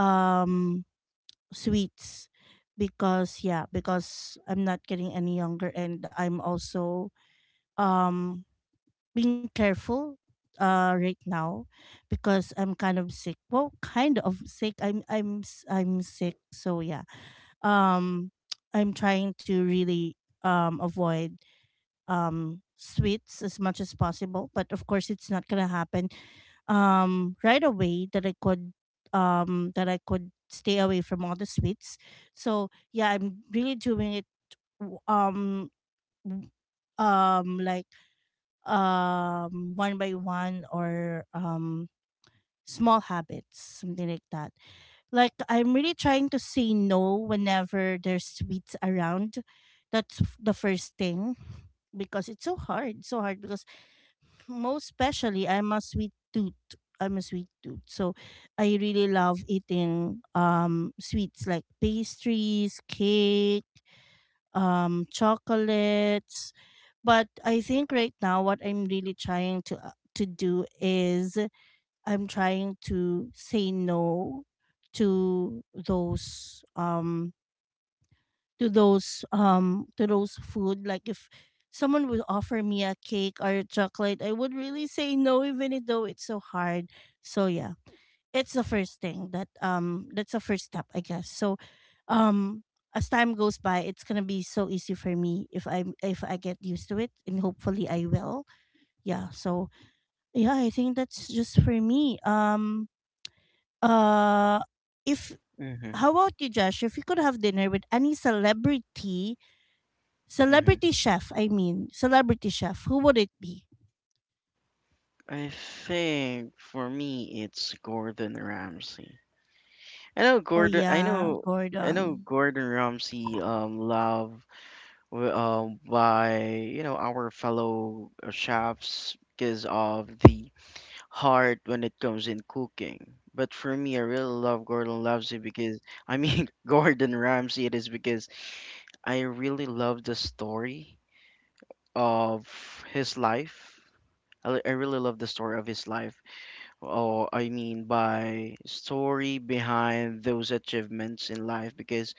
S1: um sweets. Because, yeah, because I'm not getting any younger, and I'm also, um being careful right now because I'm kind of sick. Well, kind of sick. I'm sick. So yeah. Um, I'm trying to really avoid sweets as much as possible, but of course it's not going to happen right away that I could stay away from all the sweets. So yeah, I'm really doing it, w- um like, one by one, or small habits, something like that. Like, I'm really trying to say no whenever there's sweets around. That's the first thing, because it's so hard, so hard, because most especially I'm a sweet tooth. I'm a sweet tooth. So I really love eating sweets, like pastries, cake, chocolates. But I think right now what I'm really trying to do is I'm trying to say no to those to those food. Like, if someone would offer me a cake or a chocolate, I would really say no, even though it's so hard. So yeah, it's the first thing that that's the first step, I guess. So um as time goes by, it's going to be so easy for me if I get used to it, and hopefully I will. Yeah, so yeah, I think that's just for me. Um, uh if
S2: Mm-hmm.
S1: how about you, Josh? If you could have dinner with any
S2: Mm-hmm.
S1: celebrity chef, I mean, celebrity chef, who would it be?
S2: I think for me it's Gordon Ramsay. I know
S1: Oh
S2: Gordon. I
S1: yeah,
S2: know. I know
S1: Gordon.
S2: Gordon Ramsay. Love. By you know our fellow chefs because of the heart when it comes in cooking. But for me, I really love Gordon Ramsay because I mean Gordon Ramsay. It is because I really love the story of his life. I really love the story of his life. Or I mean by story behind those achievements in life because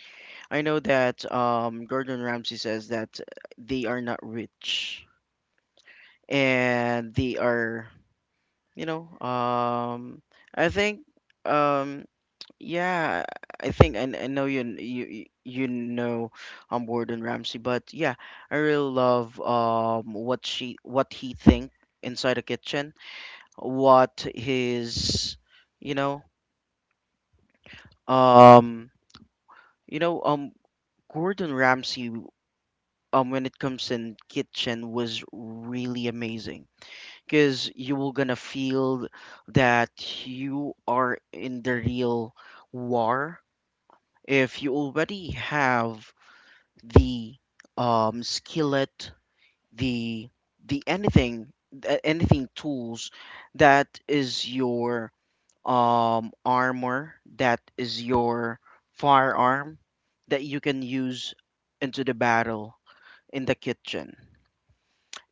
S2: I know that Gordon Ramsay says that they are not rich, and they are, you know, I think, um, yeah, I think I know you know Gordon Ramsay, but yeah, I really love what she what he think inside the kitchen, what his, you know, um, you know, Gordon Ramsay. Um, when it comes in kitchen was really amazing because you will gonna feel that you are in the real war if you already have the skillet, the the anything, anything tools that is your armor, that is your firearm that you can use into the battle in the kitchen.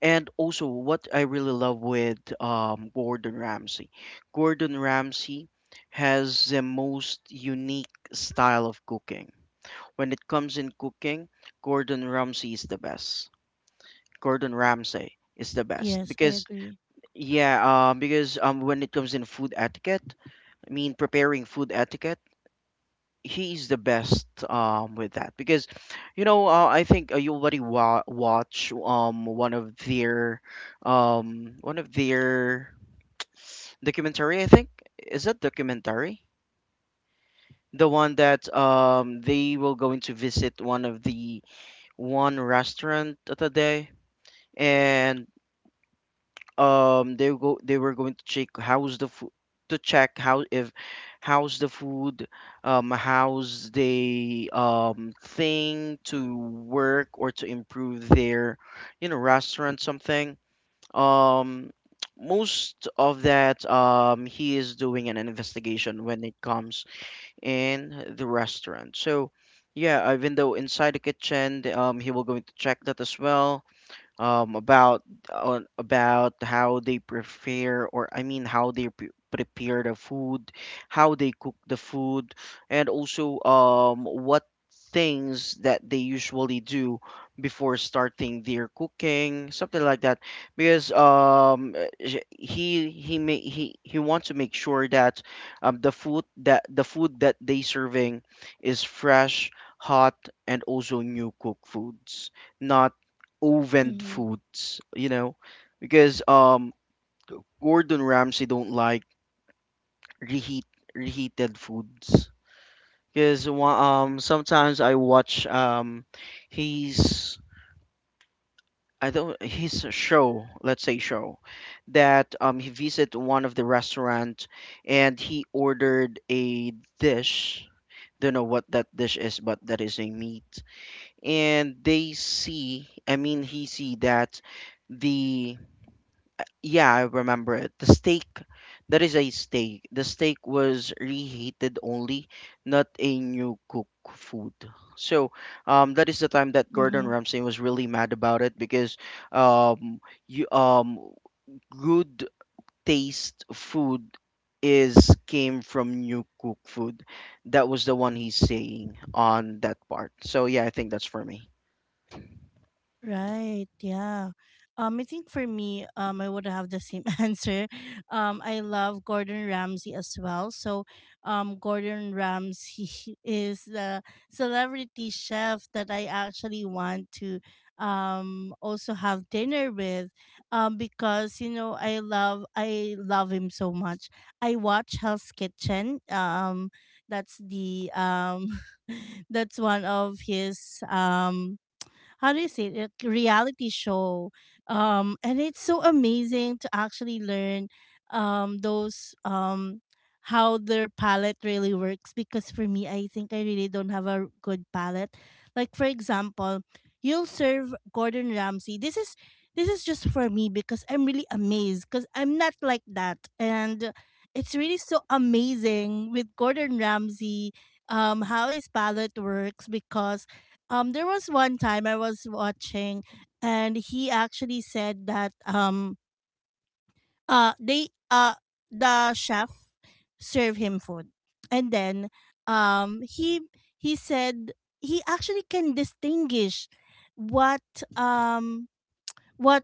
S2: And also, what I really love with Gordon Ramsay, Gordon Ramsay has the most unique style of cooking. When it comes in cooking, Gordon Ramsay is the best. Gordon Ramsay is the best
S1: Yes, I
S2: because
S1: agree.
S2: yeah, because when it comes in food etiquette, I mean preparing food etiquette, he's the best with that because you know I think you already watch one of their documentary, I think, is that documentary, the one that they will going to visit one of the one restaurant at a day, and they were going to check how's the food, to check how if how's the food, how's the thing to work or to improve their you know restaurant something. Um, most of that he is doing an investigation when it comes in the restaurant. So yeah, even though inside the kitchen he will going to check that as well, um, about about how they prepare, or I mean how they prepare the food, how they cook the food, and also what things that they usually do before starting their cooking, something like that. Because he wants to make sure that the food that they serving is fresh, hot, and also new cooked foods, not oven
S1: Mm-hmm.
S2: foods, you know, because Gordon Ramsay don't like reheat reheated foods. Because sometimes I watch his, I don't, his show, let's say show, that he visit one of the restaurant and he ordered a dish. Don't know what that dish is, but that is a meat, and they see, I mean he see that the, yeah, I remember it, the steak, that is a steak. The steak was reheated only, not a new cook food. So, that is the time that Gordon
S1: Mm-hmm.
S2: Ramsay was really mad about it because, um, you good taste food is came from new cook food. That was the one he's saying on that part. So yeah, I think that's for me.
S1: Right, yeah. I think for me, I would have the same answer. I love Gordon Ramsay as well. So, Gordon Ramsay is the celebrity chef that I actually want to also have dinner with, because, you know, I love him so much. I watch Hell's Kitchen. Um, that's the that's one of his how do you say it, like, reality show. Um, and it's so amazing to actually learn those how their palette really works, because for me, I think I really don't have a good palette. Like, for example, you'll serve Gordon Ramsay, this is just for me because I'm really amazed because I'm not like that, and it's really so amazing with Gordon Ramsay, how his palette works. Because, there was one time I was watching, and he actually said that, uh, they uh, the chef served him food, and then, um, he he said he actually can distinguish what um what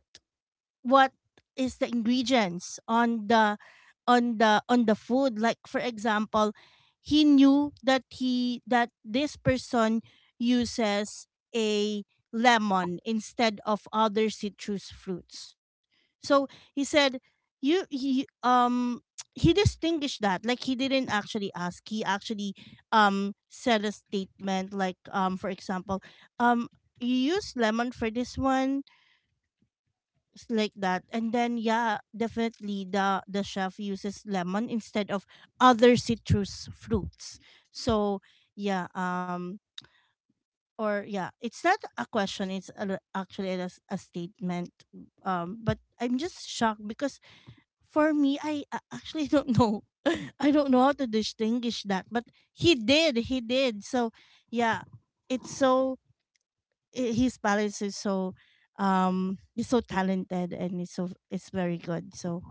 S1: what is the ingredients on the food. Like, for example, he knew that he that this person uses a lemon instead of other citrus fruits. So he said, you, he, he distinguished that. Like, he didn't actually ask. He actually, said a statement like, for example, um you use lemon for this one, like that. And then, yeah, definitely the chef uses lemon instead of other citrus fruits. So yeah, or, yeah, it's not a question, actually a statement. Um, but I'm just shocked because for me I actually don't know. I don't know how to distinguish that, but he did, he did. So yeah, it's so, his balance is so, he's so talented, and he's so, it's very good. So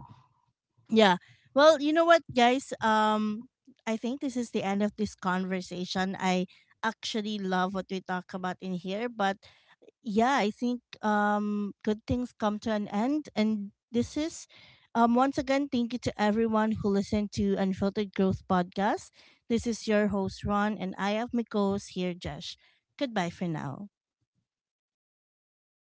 S1: yeah, well, you know what, guys, I think this is the end of this conversation. I actually love what we talk about in here, but yeah, I think, good things come to an end, and this is, once again, thank you to everyone who listened to Unfiltered Growth Podcast. This is your host, Ron, and I have my co-host here, Josh. Goodbye for now.